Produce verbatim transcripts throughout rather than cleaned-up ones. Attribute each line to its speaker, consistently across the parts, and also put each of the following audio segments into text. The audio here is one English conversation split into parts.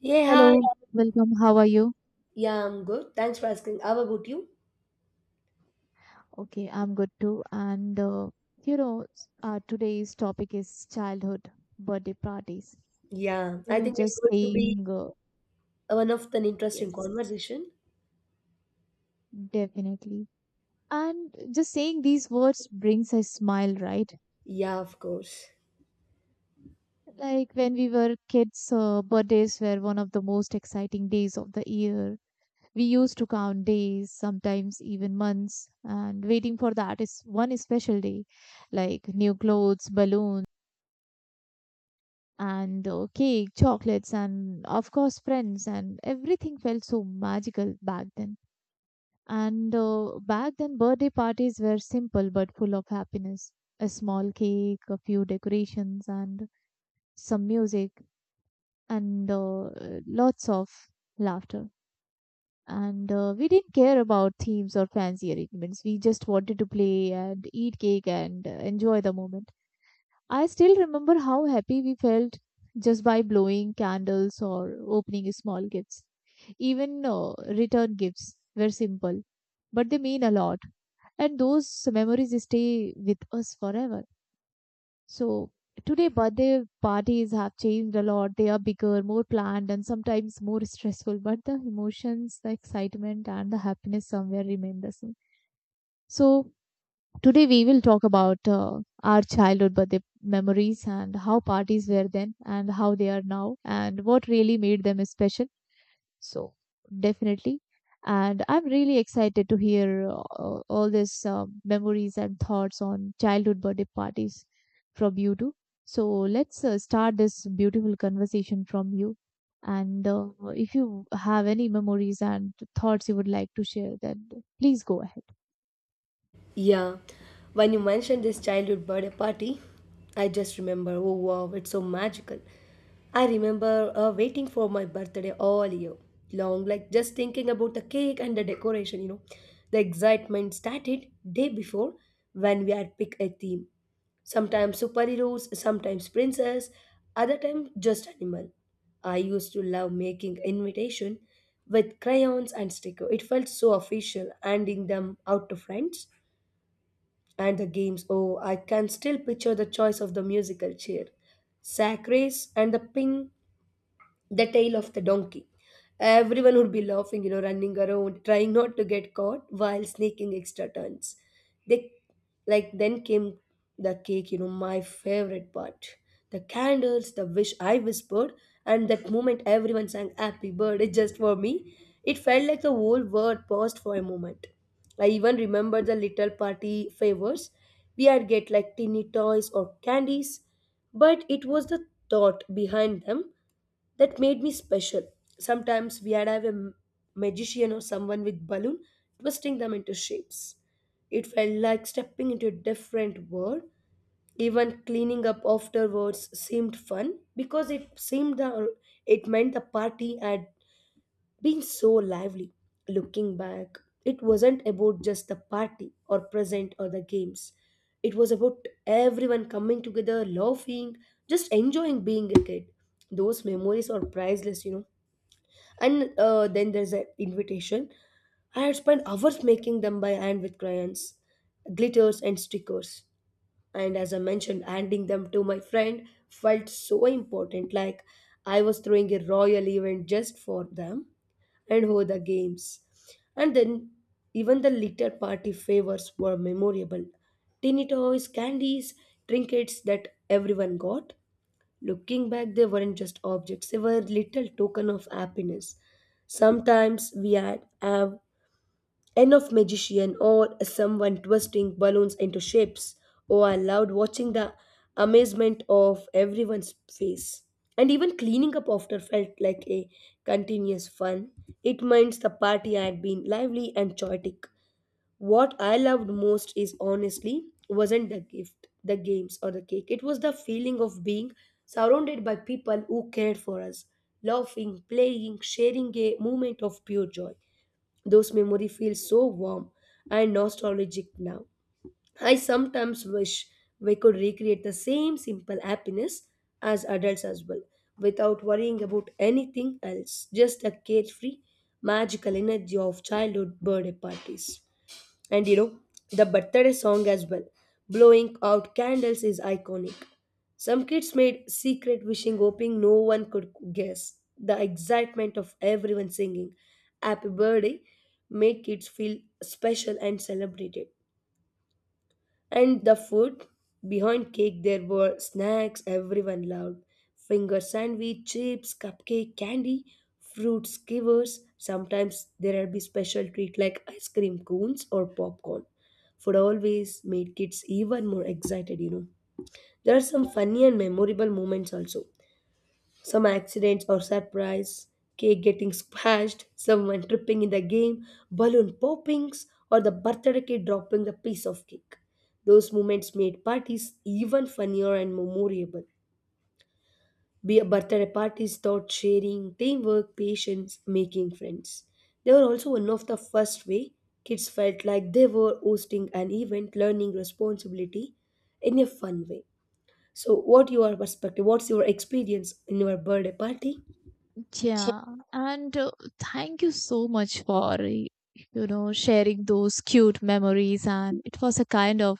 Speaker 1: Hey, hi.
Speaker 2: Hello, welcome. How are you?
Speaker 1: Yeah, I'm good. Thanks for asking. How about you?
Speaker 2: Okay, I'm good too. And uh, you know, s- uh, today's topic is childhood birthday parties.
Speaker 1: Yeah,
Speaker 2: You
Speaker 1: I
Speaker 2: know,
Speaker 1: think it's
Speaker 2: just
Speaker 1: going to be
Speaker 2: saying uh,
Speaker 1: one of an interesting
Speaker 2: yes,
Speaker 1: conversation.
Speaker 2: definitely. And just saying these words brings a smile, right?
Speaker 1: Yeah, of course.
Speaker 2: Like when we were kids, uh, birthdays were one of the most exciting days of the year. We used to count days, sometimes even months, and waiting for that is one special day, like new clothes, balloons and uh, cake, chocolates, and of course, friends, and everything felt so magical back then. And uh, back then, birthday parties were simple but full of happiness. A small cake, a few decorations, and some music, and uh, lots of laughter. And uh, we didn't care about themes or fancy arrangements. We just wanted to play and eat cake and uh, enjoy the moment. I still remember how happy we felt just by blowing candles or opening small gifts. Even uh, return gifts were simple, but they mean a lot. And those memories stay with us forever. So today, birthday parties have changed a lot. They are bigger, more planned, and sometimes more stressful. But the emotions, the excitement, and the happiness somewhere remain the same. So Today we will talk about uh, our childhood birthday memories and how parties were then and how they are now and what really made them special. So definitely, and I'm really excited to hear uh, all these uh, memories and thoughts on childhood birthday parties from you too. So let's uh, start this beautiful conversation from you. And uh, if you have any memories and thoughts you would like to share, then please go ahead.
Speaker 1: Yeah, when you mentioned this childhood birthday party, I just remember, oh wow, it's so magical. I remember uh, waiting for my birthday all year long, like just thinking about the cake and the decoration, you know. The excitement started day before when we had picked a theme. Sometimes superheroes, sometimes princess, other time just animal. I used to love making invitation with crayons and sticker. It felt so official, handing them out to friends. And the games, oh, I can still picture the choice of the musical chair, sack race, and the ping the tail of the donkey. Everyone would be laughing, you know, running around, trying not to get caught while sneaking extra turns. They like then came the cake, you know, my favorite part. The candles, the wish I whispered, and that moment everyone sang happy birthday just for me. It felt like the whole world paused for a moment. I even remember the little party favors. We had get like teeny toys or candies, but it was the thought behind them that made me special. Sometimes we'd have a m- magician or someone with balloon twisting them into shapes. It felt like stepping into a different world. Even cleaning up afterwards seemed fun because it seemed the, it meant the party had been so lively. Looking back, it wasn't about just the party or present or the games. It was about everyone coming together, laughing, just enjoying being a kid. Those memories are priceless, you know. And uh, then there's an invitation. I had spent hours making them by hand with crayons, glitters, and stickers. And as I mentioned, handing them to my friend felt so important, like I was throwing a royal event just for them and oh, the games. And then even the little party favors were memorable. Teeny toys, candies, trinkets that everyone got. Looking back, they weren't just objects, they were little token of happiness. Sometimes we had have enough magician or someone twisting balloons into shapes, or I loved watching the amazement of everyone's face. And even cleaning up after felt like a continuous fun. It means the party had been lively and chaotic. What I loved most is honestly wasn't the gift, the games, or the cake. It was the feeling of being surrounded by people who cared for us, laughing, playing, sharing a moment of pure joy. Those memories feel so warm and nostalgic now. I sometimes wish we could recreate the same simple happiness as adults as well, without worrying about anything else, just the carefree, magical energy of childhood birthday parties. And you know, the birthday song as well. Blowing out candles is iconic. Some kids made secret wishing, hoping no one could guess. The excitement of everyone singing happy birthday made kids feel special and celebrated. And the food? Behind cake, there were snacks everyone loved: finger sandwich, chips, cupcake, candy, fruit skewers. Sometimes there'd be special treat like ice cream cones or popcorn. Food always made kids even more excited, you know. There are some funny and memorable moments also, some accidents or surprise: cake getting smashed, someone tripping in the game, balloon poppings, or the birthday kid dropping a piece of cake. Those moments made parties even funnier and memorable. Be birthday parties taught sharing, teamwork, patience, making friends. They were also one of the first way kids felt like they were hosting an event, learning responsibility in a fun way. So, what your perspective? What's your experience in your birthday party?
Speaker 2: Yeah, and uh, thank you so much for y- you know sharing those cute memories, and it was a kind of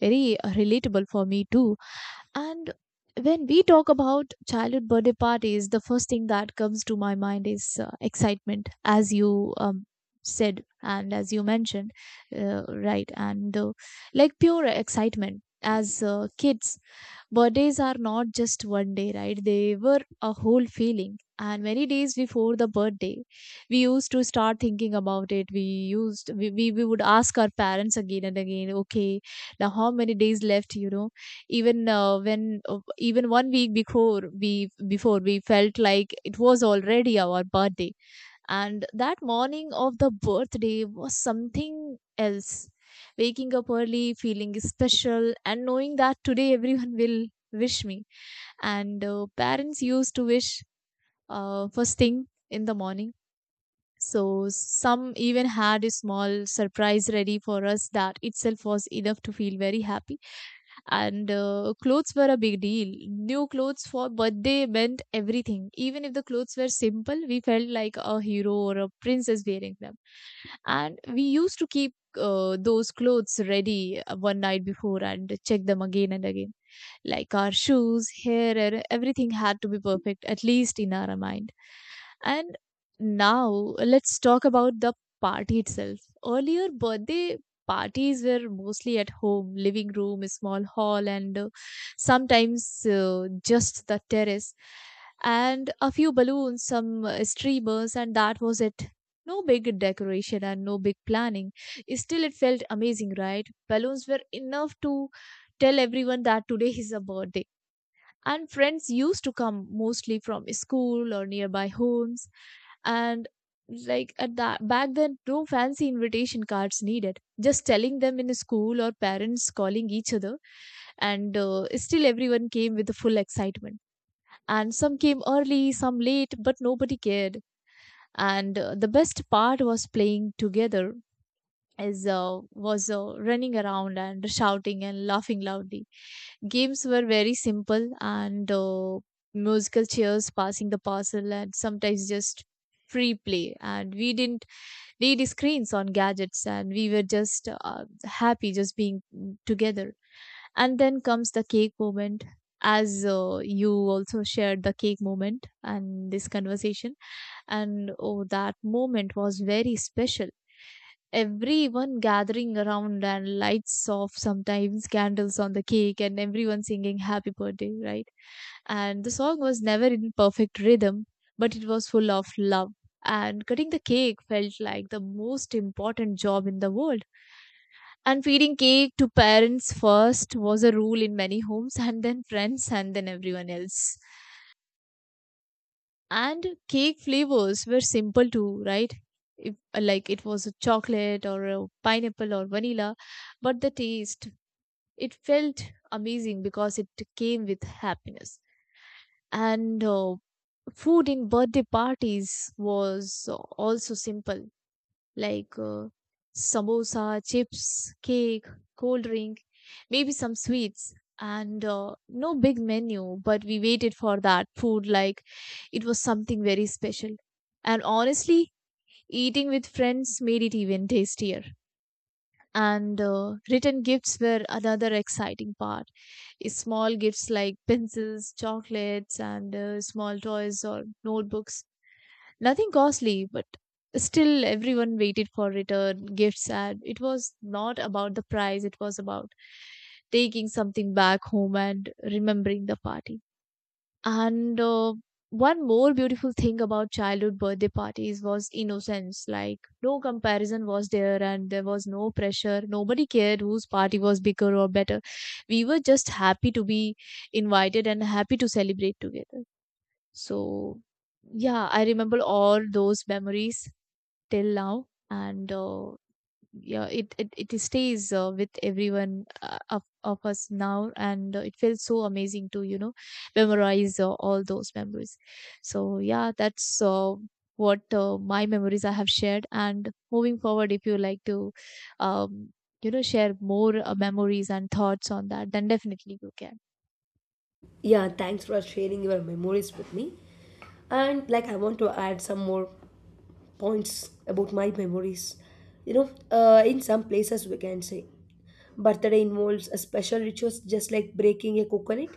Speaker 2: very uh, relatable for me too. And when we talk about childhood birthday parties, the first thing that comes to my mind is uh, excitement, as you um, said, and as you mentioned, uh, right? And uh, like pure excitement. As uh, kids, birthdays are not just one day, right? They were a whole feeling. And many days before the birthday, we used to start thinking about it. We used we, we, we would ask our parents again and again, okay, now how many days left, you know? Even uh, when uh, even one week before, we before we felt like it was already our birthday. And that morning of the birthday was something else, waking up early, feeling special, and knowing that today everyone will wish me. And uh, parents used to wish uh, first thing in the morning. So some even had a small surprise ready for us, that itself was enough to feel very happy. And uh, clothes were a big deal. New clothes for birthday meant everything. Even if the clothes were simple, we felt like a hero or a princess wearing them. And we used to keep uh, those clothes ready uh, one night before, and check them again and again, like our shoes, hair, and everything had to be perfect, at least in our mind. And now let's talk about the party itself. Earlier, birthday parties were mostly at home, living room, a small hall, and uh, sometimes uh, just the terrace, and a few balloons, some uh, streamers, and that was it. No big decoration and no big planning. Still, it felt amazing, right? Balloons were enough to tell everyone that today is a birthday. And friends used to come mostly from school or nearby homes. And like at that back then, no fancy invitation cards needed. Just telling them in school, or parents calling each other, and uh, still everyone came with the full excitement. And some came early, some late, but nobody cared. And uh, the best part was playing together, is uh, was uh, running around and shouting and laughing loudly. Games were very simple, and uh, musical chairs, passing the parcel, and sometimes just free play. And we didn't need screens on gadgets, and we were just uh, happy just being together. And then comes the cake moment, as uh, you also shared the cake moment and this conversation. And oh, that moment was very special. Everyone gathering around and lights off, sometimes candles on the cake, and everyone singing happy birthday, right? And the song was never in perfect rhythm, but it was full of love. And cutting the cake felt like the most important job in the world. And feeding cake to parents first was a rule in many homes, and then friends, and then everyone else. And cake flavors were simple too, right? If, uh, like it was a chocolate or a pineapple or vanilla, but the taste, it felt amazing because it came with happiness. And uh, food in birthday parties was also simple, like uh, samosa, chips, cake, cold drink, maybe some sweets. And uh, no big menu, but we waited for that food like it was something very special. And honestly, eating with friends made it even tastier. And uh, written gifts were another exciting part. Small gifts like pencils, chocolates, and uh, small toys or notebooks. Nothing costly, but still everyone waited for return, gifts, and it was not about the price, it was about taking something back home and remembering the party. And uh, one more beautiful thing about childhood birthday parties was innocence. Like, no comparison was there, and there was no pressure. Nobody cared whose party was bigger or better. We were just happy to be invited and happy to celebrate together. So, yeah, I remember all those memories till now, and uh, yeah, it it it stays uh, with everyone uh, of of us now, and uh, it feels so amazing to you know memorize uh, all those memories. So yeah, that's uh, what uh, my memories I have shared, and moving forward, if you like to, um, you know, share more uh, memories and thoughts on that, then definitely you can.
Speaker 1: Yeah, thanks for sharing your memories with me. And like, I want to add some more points about my memories. You know, uh, in some places we can say birthday involves a special rituals just like breaking a coconut,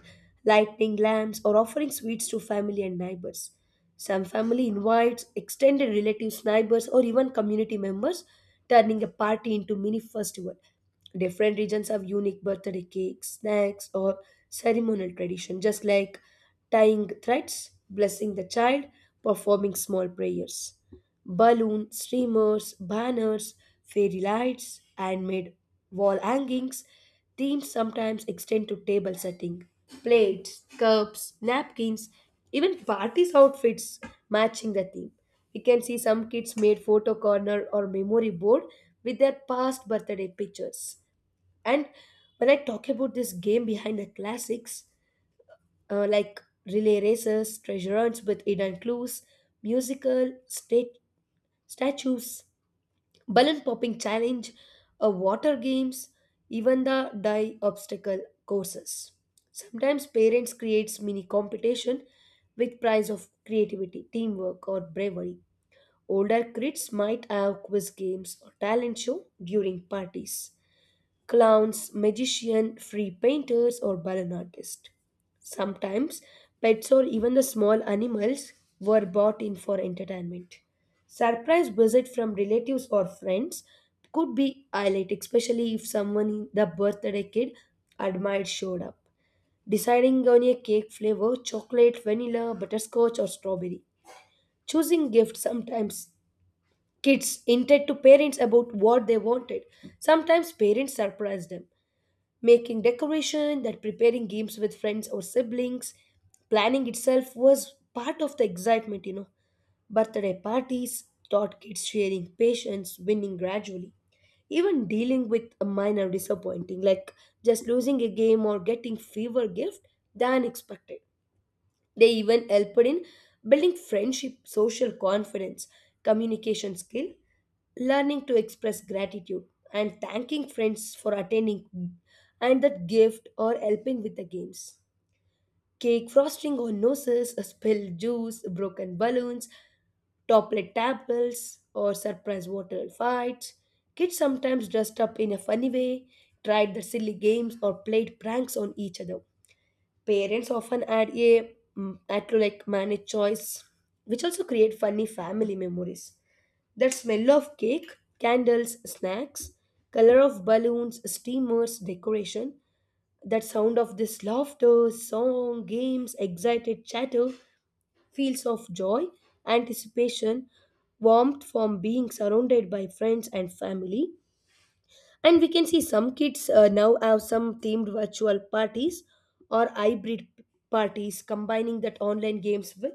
Speaker 1: lighting lamps, or offering sweets to family and neighbors. Some family invites extended relatives, neighbors, or even community members, turning a party into mini festival. Different regions have unique birthday cakes, snacks, or ceremonial tradition, just like tying threads, blessing the child, performing small prayers. Balloon streamers, banners, fairy lights, handmade wall hangings. Themes sometimes extend to table setting. Plates, cups, napkins, even parties' outfits matching the theme. We can see some kids made photo corner or memory board with their past birthday pictures. And when I talk about this game behind the classics, uh, like relay races, treasure hunts with hidden clues, musical, state statues, balloon popping challenge, uh, water games, even the die obstacle courses. Sometimes parents creates mini competition with prize of creativity, teamwork or bravery. Older kids might have quiz games or talent show during parties: clowns, magician, free painters, or balloon artists. Sometimes pets or even the small animals were brought in for entertainment. Surprise visit from relatives or friends could be highlighted, especially if someone the birthday kid admired showed up. Deciding on a cake flavor: chocolate, vanilla, butterscotch, or strawberry. Choosing gifts, sometimes kids hinted to parents about what they wanted. Sometimes parents surprised them making decoration, that preparing games with friends or siblings, planning itself was part of the excitement, you know. Birthday parties taught kids sharing, patience, winning gradually, even dealing with a minor disappointing, like just losing a game or getting fewer gift than expected. They even helped in building friendship, social confidence, communication skill, learning to express gratitude, and thanking friends for attending and that gift or helping with the games. Cake frosting on noses, spilled juice, broken balloons, toppled tables, or surprise water fights. Kids sometimes dressed up in a funny way, tried the silly games, or played pranks on each other. Parents often add a mm, add to like manage choice, which also create funny family memories. That smell of cake, candles, snacks, color of balloons, steamers, decoration, that sound of this laughter, song, games, excited chatter, feels of joy, anticipation, warmth from being surrounded by friends and family. And we can see some kids uh, now have some themed virtual parties or hybrid parties combining that online games with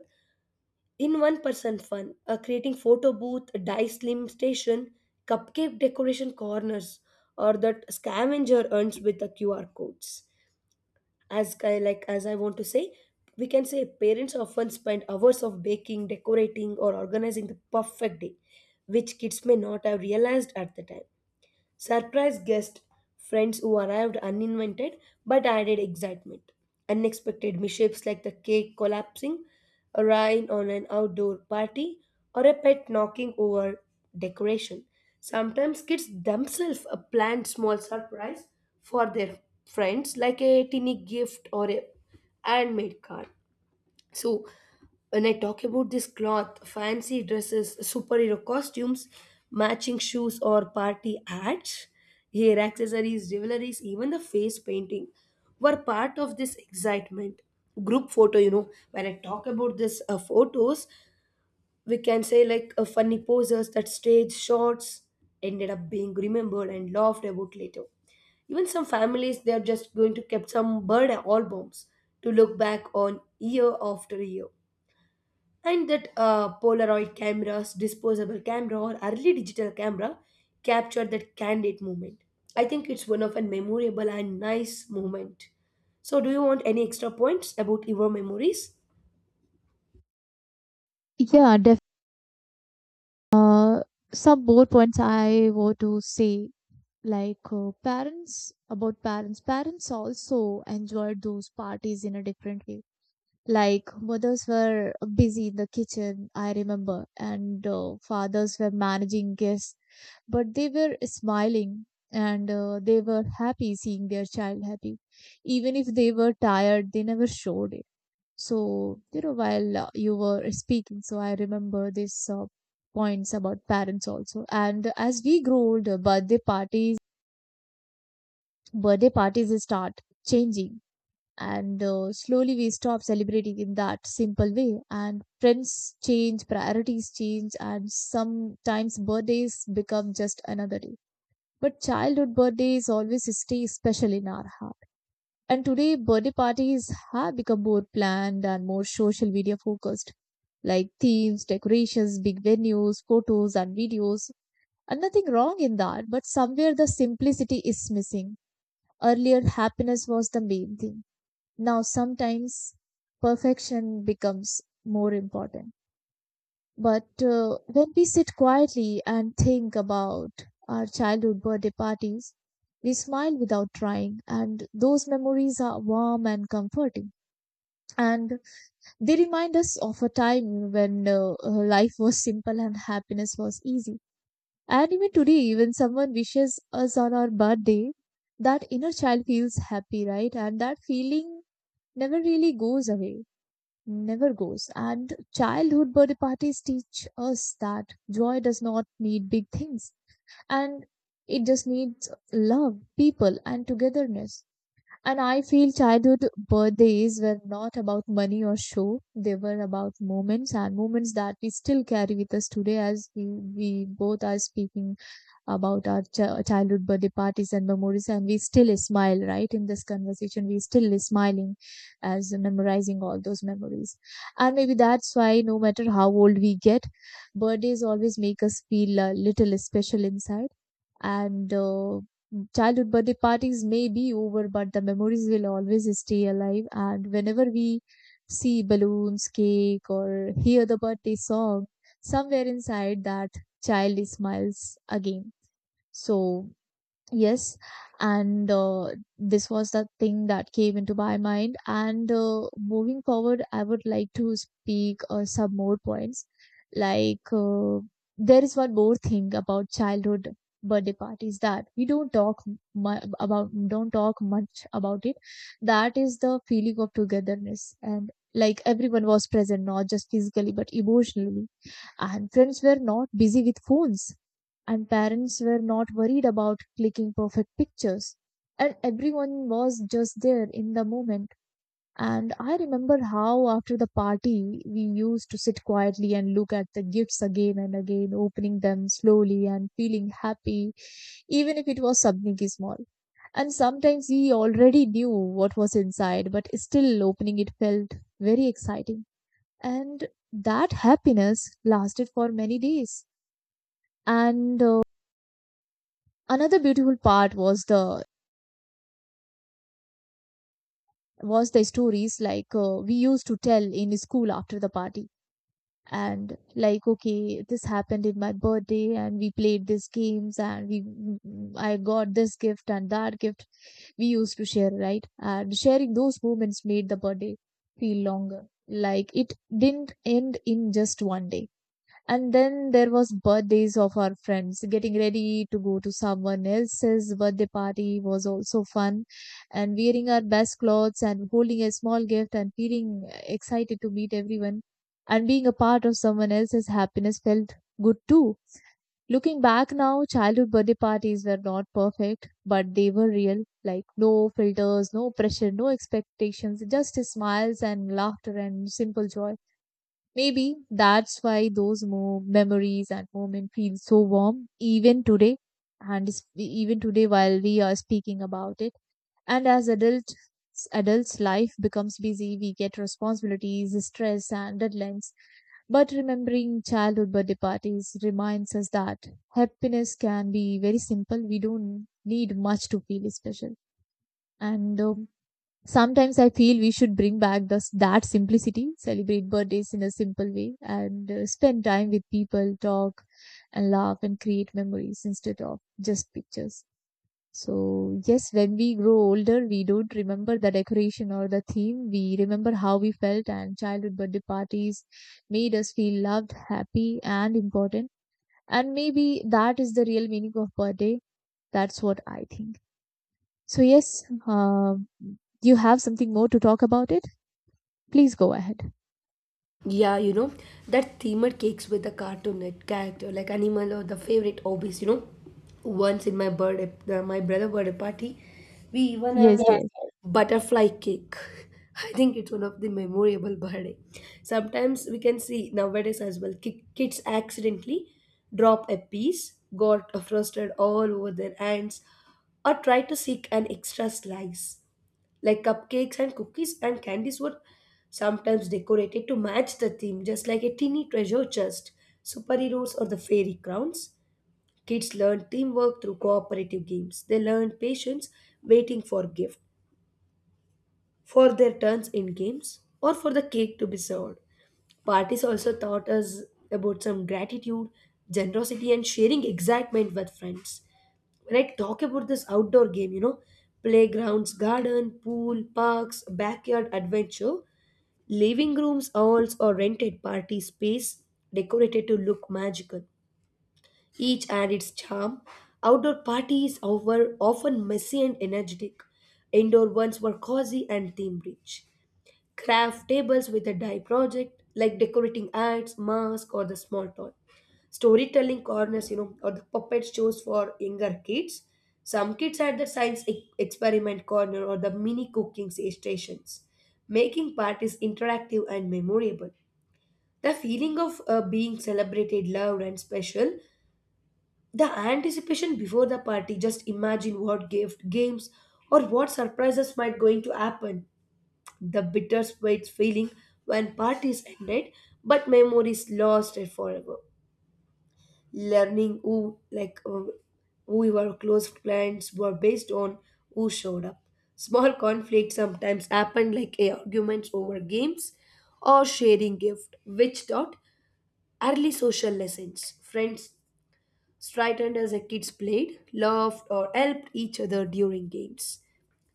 Speaker 1: in one person fun, uh, creating photo booth, die slim station, cupcake decoration corners, or that scavenger hunts with the Q R codes. As I, like as I want to say, we can say parents often spend hours of baking, decorating, or organizing the perfect day, which kids may not have realized at the time. Surprise guests, friends who arrived uninvited but added excitement. Unexpected mishaps like the cake collapsing, a rain on an outdoor party, or a pet knocking over decoration. Sometimes kids themselves uh, plan small surprise for their friends, like a tiny gift or a handmade card. So when I talk about this cloth, fancy dresses, superhero costumes, matching shoes or party hats, hair accessories, jewelries, even the face painting were part of this excitement. Group photo, you know, when I talk about this uh, photos, we can say like uh, funny poses that stage shots ended up being remembered and laughed about later. Even some families, they are just going to keep some bird albums to look back on year after year and that uh, polaroid cameras, disposable camera or early digital camera captured that candid moment. I think it's one of a memorable and nice moment. So do you want any extra points about your memories?
Speaker 2: Yeah, definitely. Uh, some more points I want to say, like uh, parents, about parents. Parents also enjoyed those parties in a different way. Like mothers were busy in the kitchen, I remember, and uh, fathers were managing guests, but they were smiling, and uh, they were happy seeing their child happy. Even if they were tired, they never showed it. So, you know, while uh, you were speaking, so I remember this uh, points about parents also. And as we grow older, birthday parties, birthday parties start changing, and uh, slowly we stop celebrating in that simple way. And friends change, priorities change, and sometimes birthdays become just another day. But childhood birthdays always stay special in our heart. And today, birthday parties have become more planned and more social media focused, like themes, decorations, big venues, photos, and videos. And nothing wrong in that, but somewhere the simplicity is missing. Earlier, happiness was the main thing. Now, sometimes perfection becomes more important. But uh, when we sit quietly and think about our childhood birthday parties, we smile without trying, and those memories are warm and comforting, and they remind us of a time when uh, uh, life was simple and happiness was easy. And even today, when someone wishes us on our birthday, that inner child feels happy, right? And that feeling never really goes away, never goes. And childhood birthday parties teach us that joy does not need big things, and it just needs love, people, and togetherness. And I feel childhood birthdays were not about money or show. They were about moments, and moments that we still carry with us today, as we, we both are speaking about our ch- childhood birthday parties and memories. And we still smile, right? In this conversation, we still smiling, as memorizing all those memories. And maybe that's why no matter how old we get, birthdays always make us feel a little special inside. And uh, childhood birthday parties may be over, but the memories will always stay alive. And whenever we see balloons, cake, or hear the birthday song, somewhere inside, that child smiles again. So yes, and uh, this was the thing that came into my mind. And uh, moving forward, I would like to speak uh, some more points. Like, uh, there is one more thing about childhood birthday parties that we don't talk mu- about, don't talk much about it. That is the feeling of togetherness. And like, everyone was present, not just physically, but emotionally. And friends were not busy with phones. And parents were not worried about clicking perfect pictures. And everyone was just there in the moment. And I remember how after the party, we used to sit quietly and look at the gifts again and again, opening them slowly and feeling happy, even if it was something small. And sometimes we already knew what was inside, but still opening it felt very exciting, and that happiness lasted for many days. And uh, Another beautiful part was the was the stories. Like uh, we used to tell in school after the party, and like, okay, this happened in my birthday and we played these games and we I got this gift and that gift. We used to share, right? And sharing those moments made the birthday feel longer, like it didn't end in just one day. And then there was birthdays of our friends. Getting ready to go to someone else's birthday party was also fun. And wearing our best clothes and holding a small gift and feeling excited to meet everyone and being a part of someone else's happiness felt good too. Looking back now, childhood birthday parties were not perfect, but they were real. Like, no filters, no pressure, no expectations, just smiles and laughter and simple joy. Maybe that's why those mo- memories and moment feel so warm even today, and s- even today while we are speaking about it. And as adults, adults' life becomes busy. We get responsibilities, stress, and deadlines. But remembering childhood birthday parties reminds us that happiness can be very simple. We don't need much to feel special. And um, Sometimes I feel we should bring back this, that simplicity, celebrate birthdays in a simple way, and uh, spend time with people, talk and laugh and create memories instead of just pictures. So, yes, when we grow older, we don't remember the decoration or the theme. We remember how we felt, and childhood birthday parties made us feel loved, happy, and important. And maybe that is the real meaning of birthday. That's what I think. So, yes, um, you have something more to talk about it? Please go ahead.
Speaker 1: Yeah, you know, that themed cakes with the cartoon net character, like animal or the favorite hobbies, you know. Once in my birthday, uh, my brother birthday party, we even have
Speaker 2: Yes,
Speaker 1: that
Speaker 2: yes.
Speaker 1: yes, butterfly cake. I think it's one of the memorable birthday. Sometimes we can see nowadays as well, ki- kids accidentally drop a piece, got frosted all over their hands, or try to seek an extra slice. Like cupcakes and cookies and candies were sometimes decorated to match the theme, just like a teeny treasure chest, superheroes, or the fairy crowns. Kids learn teamwork through cooperative games. They learn patience waiting for gift, for their turns in games, or for the cake to be served. Parties also taught us about some gratitude, generosity, and sharing excitement with friends. When I talk about this outdoor game, you know, playgrounds, garden, pool, parks, backyard adventure, living rooms, halls, or rented party space decorated to look magical. Each had its charm. Outdoor parties were often messy and energetic. Indoor ones were cozy and theme rich. Craft tables with a dye project, like decorating ads, masks, or the small toy. Storytelling corners, you know, or the puppet shows for younger kids. Some kids had the science e- experiment corner or the mini cooking s- stations, making parties interactive and memorable. The feeling of uh, being celebrated, loved, and special, the anticipation before the party, just imagine what gift, games, or what surprises might going to happen. The bittersweet feeling when parties ended, but memories lost it forever. Learning who, like, uh, who your close friends were based on who showed up. Small conflicts sometimes happen like eh, arguments over games or sharing gift, which taught early social lessons. Friends straightened as the kids played, laughed, or helped each other during games.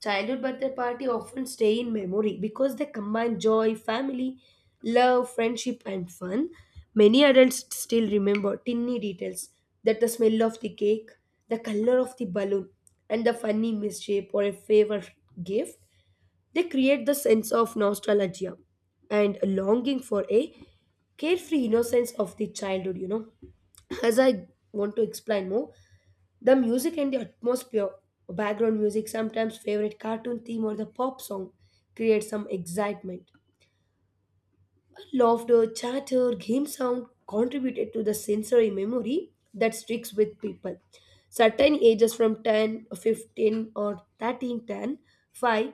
Speaker 1: Childhood birthday party often stay in memory because they combine joy, family, love, friendship, and fun. Many adults still remember tiny details, that the smell of the cake, the color of the balloon, and the funny mischief or a favorite gift. They create the sense of nostalgia and a longing for a carefree innocence of the childhood, you know. As I want to explain more, the music and the atmosphere, background music, sometimes favorite cartoon theme or the pop song create some excitement. Laughter, chatter, game sound contributed to the sensory memory that sticks with people. Certain ages from ten, fifteen, or thirteen, ten, five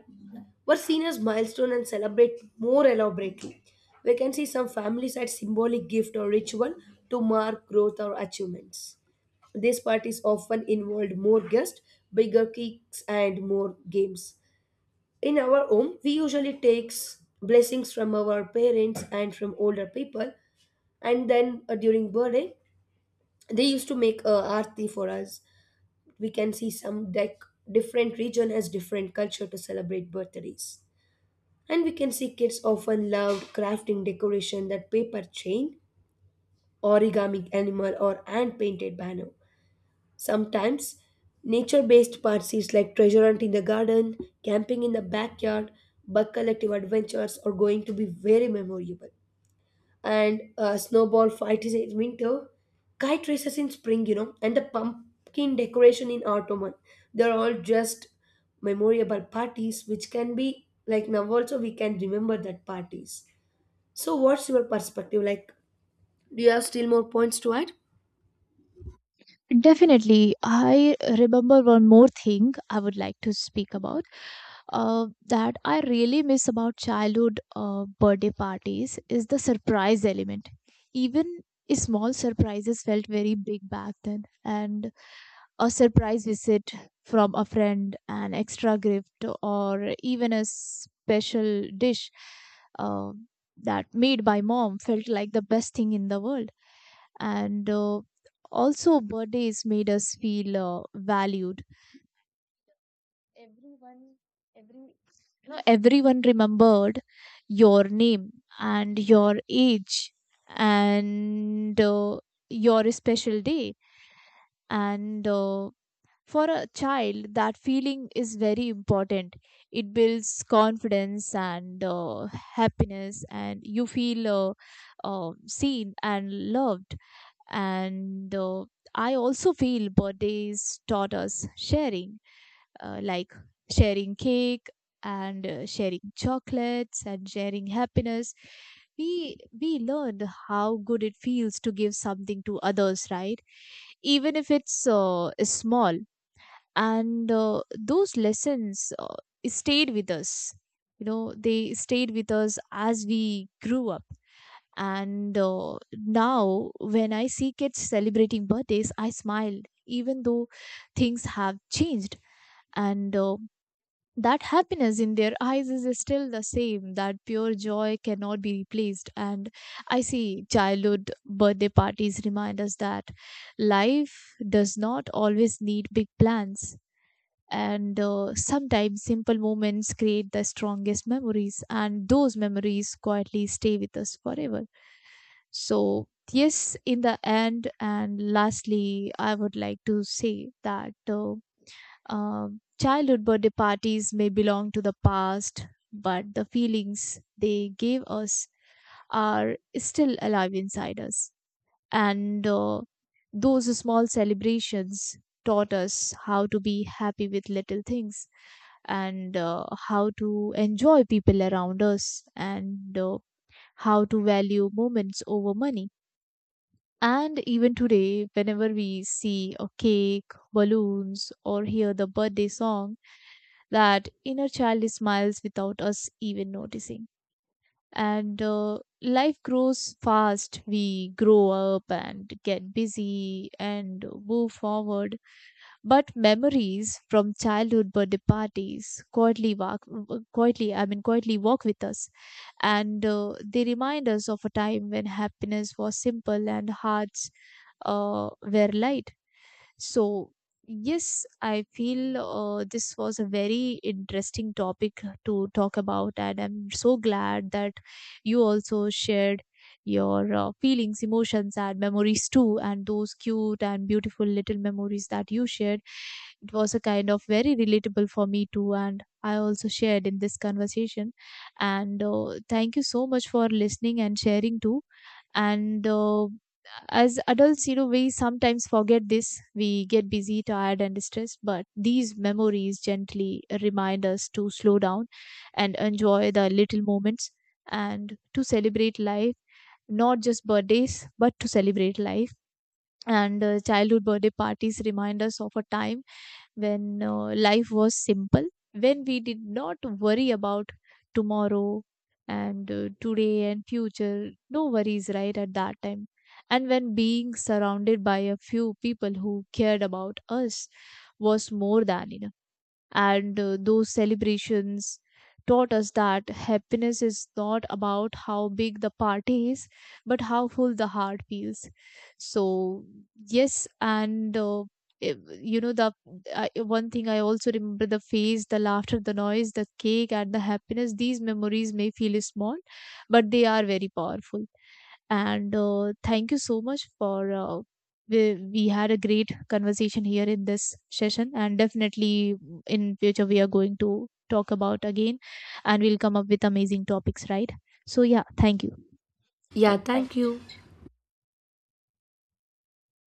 Speaker 1: were seen as milestone and celebrate more elaborately. We can see some families had symbolic gift or ritual to mark growth or achievements. These parties often involved more guests, bigger cakes, and more games. In our home, we usually takes blessings from our parents and from older people, and then uh, during birthday, they used to make a aarti for us. We can see some deck different region has different culture to celebrate birthdays. And we can see kids often loved crafting decoration that paper chain, origami animal, or hand painted banner. Sometimes nature based parties like treasure hunt in the garden, camping in the backyard, bug collective adventures are going to be very memorable. And uh, snowball fight is in winter, kite races in spring, you know, and the pumpkin decoration in autumn. They're all just memorable parties which can be like now also we can remember that parties. So, what's your perspective like? Do you have still more points to add?
Speaker 2: Definitely. I remember one more thing I would like to speak about, uh, that I really miss about childhood uh, birthday parties is the surprise element. Even small surprises felt very big back then. And a surprise visit from a friend, an extra gift, or even a special dish, uh, that made by mom, felt like the best thing in the world. And uh, Also, birthdays made us feel, uh, valued. Everyone, every you know, everyone remembered your name and your age and uh, your special day, and uh, for a child, that feeling is very important. It builds confidence and uh, happiness, and you feel uh, uh, seen and loved. And uh, I also feel birthdays taught us sharing, uh, like sharing cake and uh, sharing chocolates and sharing happiness. We we learned how good it feels to give something to others, right? Even if it's uh, small, and uh, those lessons uh, stayed with us. You know, they stayed with us as we grew up, and uh, now when I see kids celebrating birthdays, I smile. Even though things have changed, and uh, that happiness in their eyes is still the same. That pure joy cannot be replaced, and I see childhood birthday parties remind us that life does not always need big plans, and uh, sometimes simple moments create the strongest memories, and those memories quietly stay with us forever. So, yes, in the end and lastly, I would like to say that uh, um, childhood birthday parties may belong to the past, but the feelings they gave us are still alive inside us, and uh, those small celebrations taught us how to be happy with little things, and uh, how to enjoy people around us, and uh, how to value moments over money. And even today, whenever we see a cake, balloons, or hear the birthday song, that inner child smiles without us even noticing. And uh, Life grows fast. We grow up and get busy and move forward, but memories from childhood birthday parties quietly walk, quietly, I mean, quietly walk with us. And uh, They remind us of a time when happiness was simple and hearts, uh, were light. So, yes, I feel, uh, this was a very interesting topic to talk about, and I'm so glad that you also shared your, uh, feelings, emotions, and memories too, and those cute and beautiful little memories that you shared. It was a kind of very relatable for me too, and I also shared in this conversation. And uh, Thank you so much for listening and sharing too. And uh, As adults, you know, we sometimes forget this. We get busy, tired, and stressed, but these memories gently remind us to slow down and enjoy the little moments and to celebrate life, not just birthdays, but to celebrate life. And uh, Childhood birthday parties remind us of a time when, uh, life was simple, when we did not worry about tomorrow and uh, today and future. No worries, right, at that time. And when being surrounded by a few people who cared about us was more than enough. And uh, Those celebrations taught us that happiness is not about how big the party is, but how full the heart feels. So, yes, and uh, i- you know, the I one thing I also remember: the face, the laughter, the noise, the cake, and the happiness. These memories may feel small, but they are very powerful, and uh, thank you so much for uh, we, we had a great conversation here in this session, and definitely mm, in future we are going to talk about again, and we'll come up with amazing topics, right? So, yeah, thank you.
Speaker 1: Yeah,
Speaker 2: Thank
Speaker 1: thank
Speaker 2: you.
Speaker 1: you.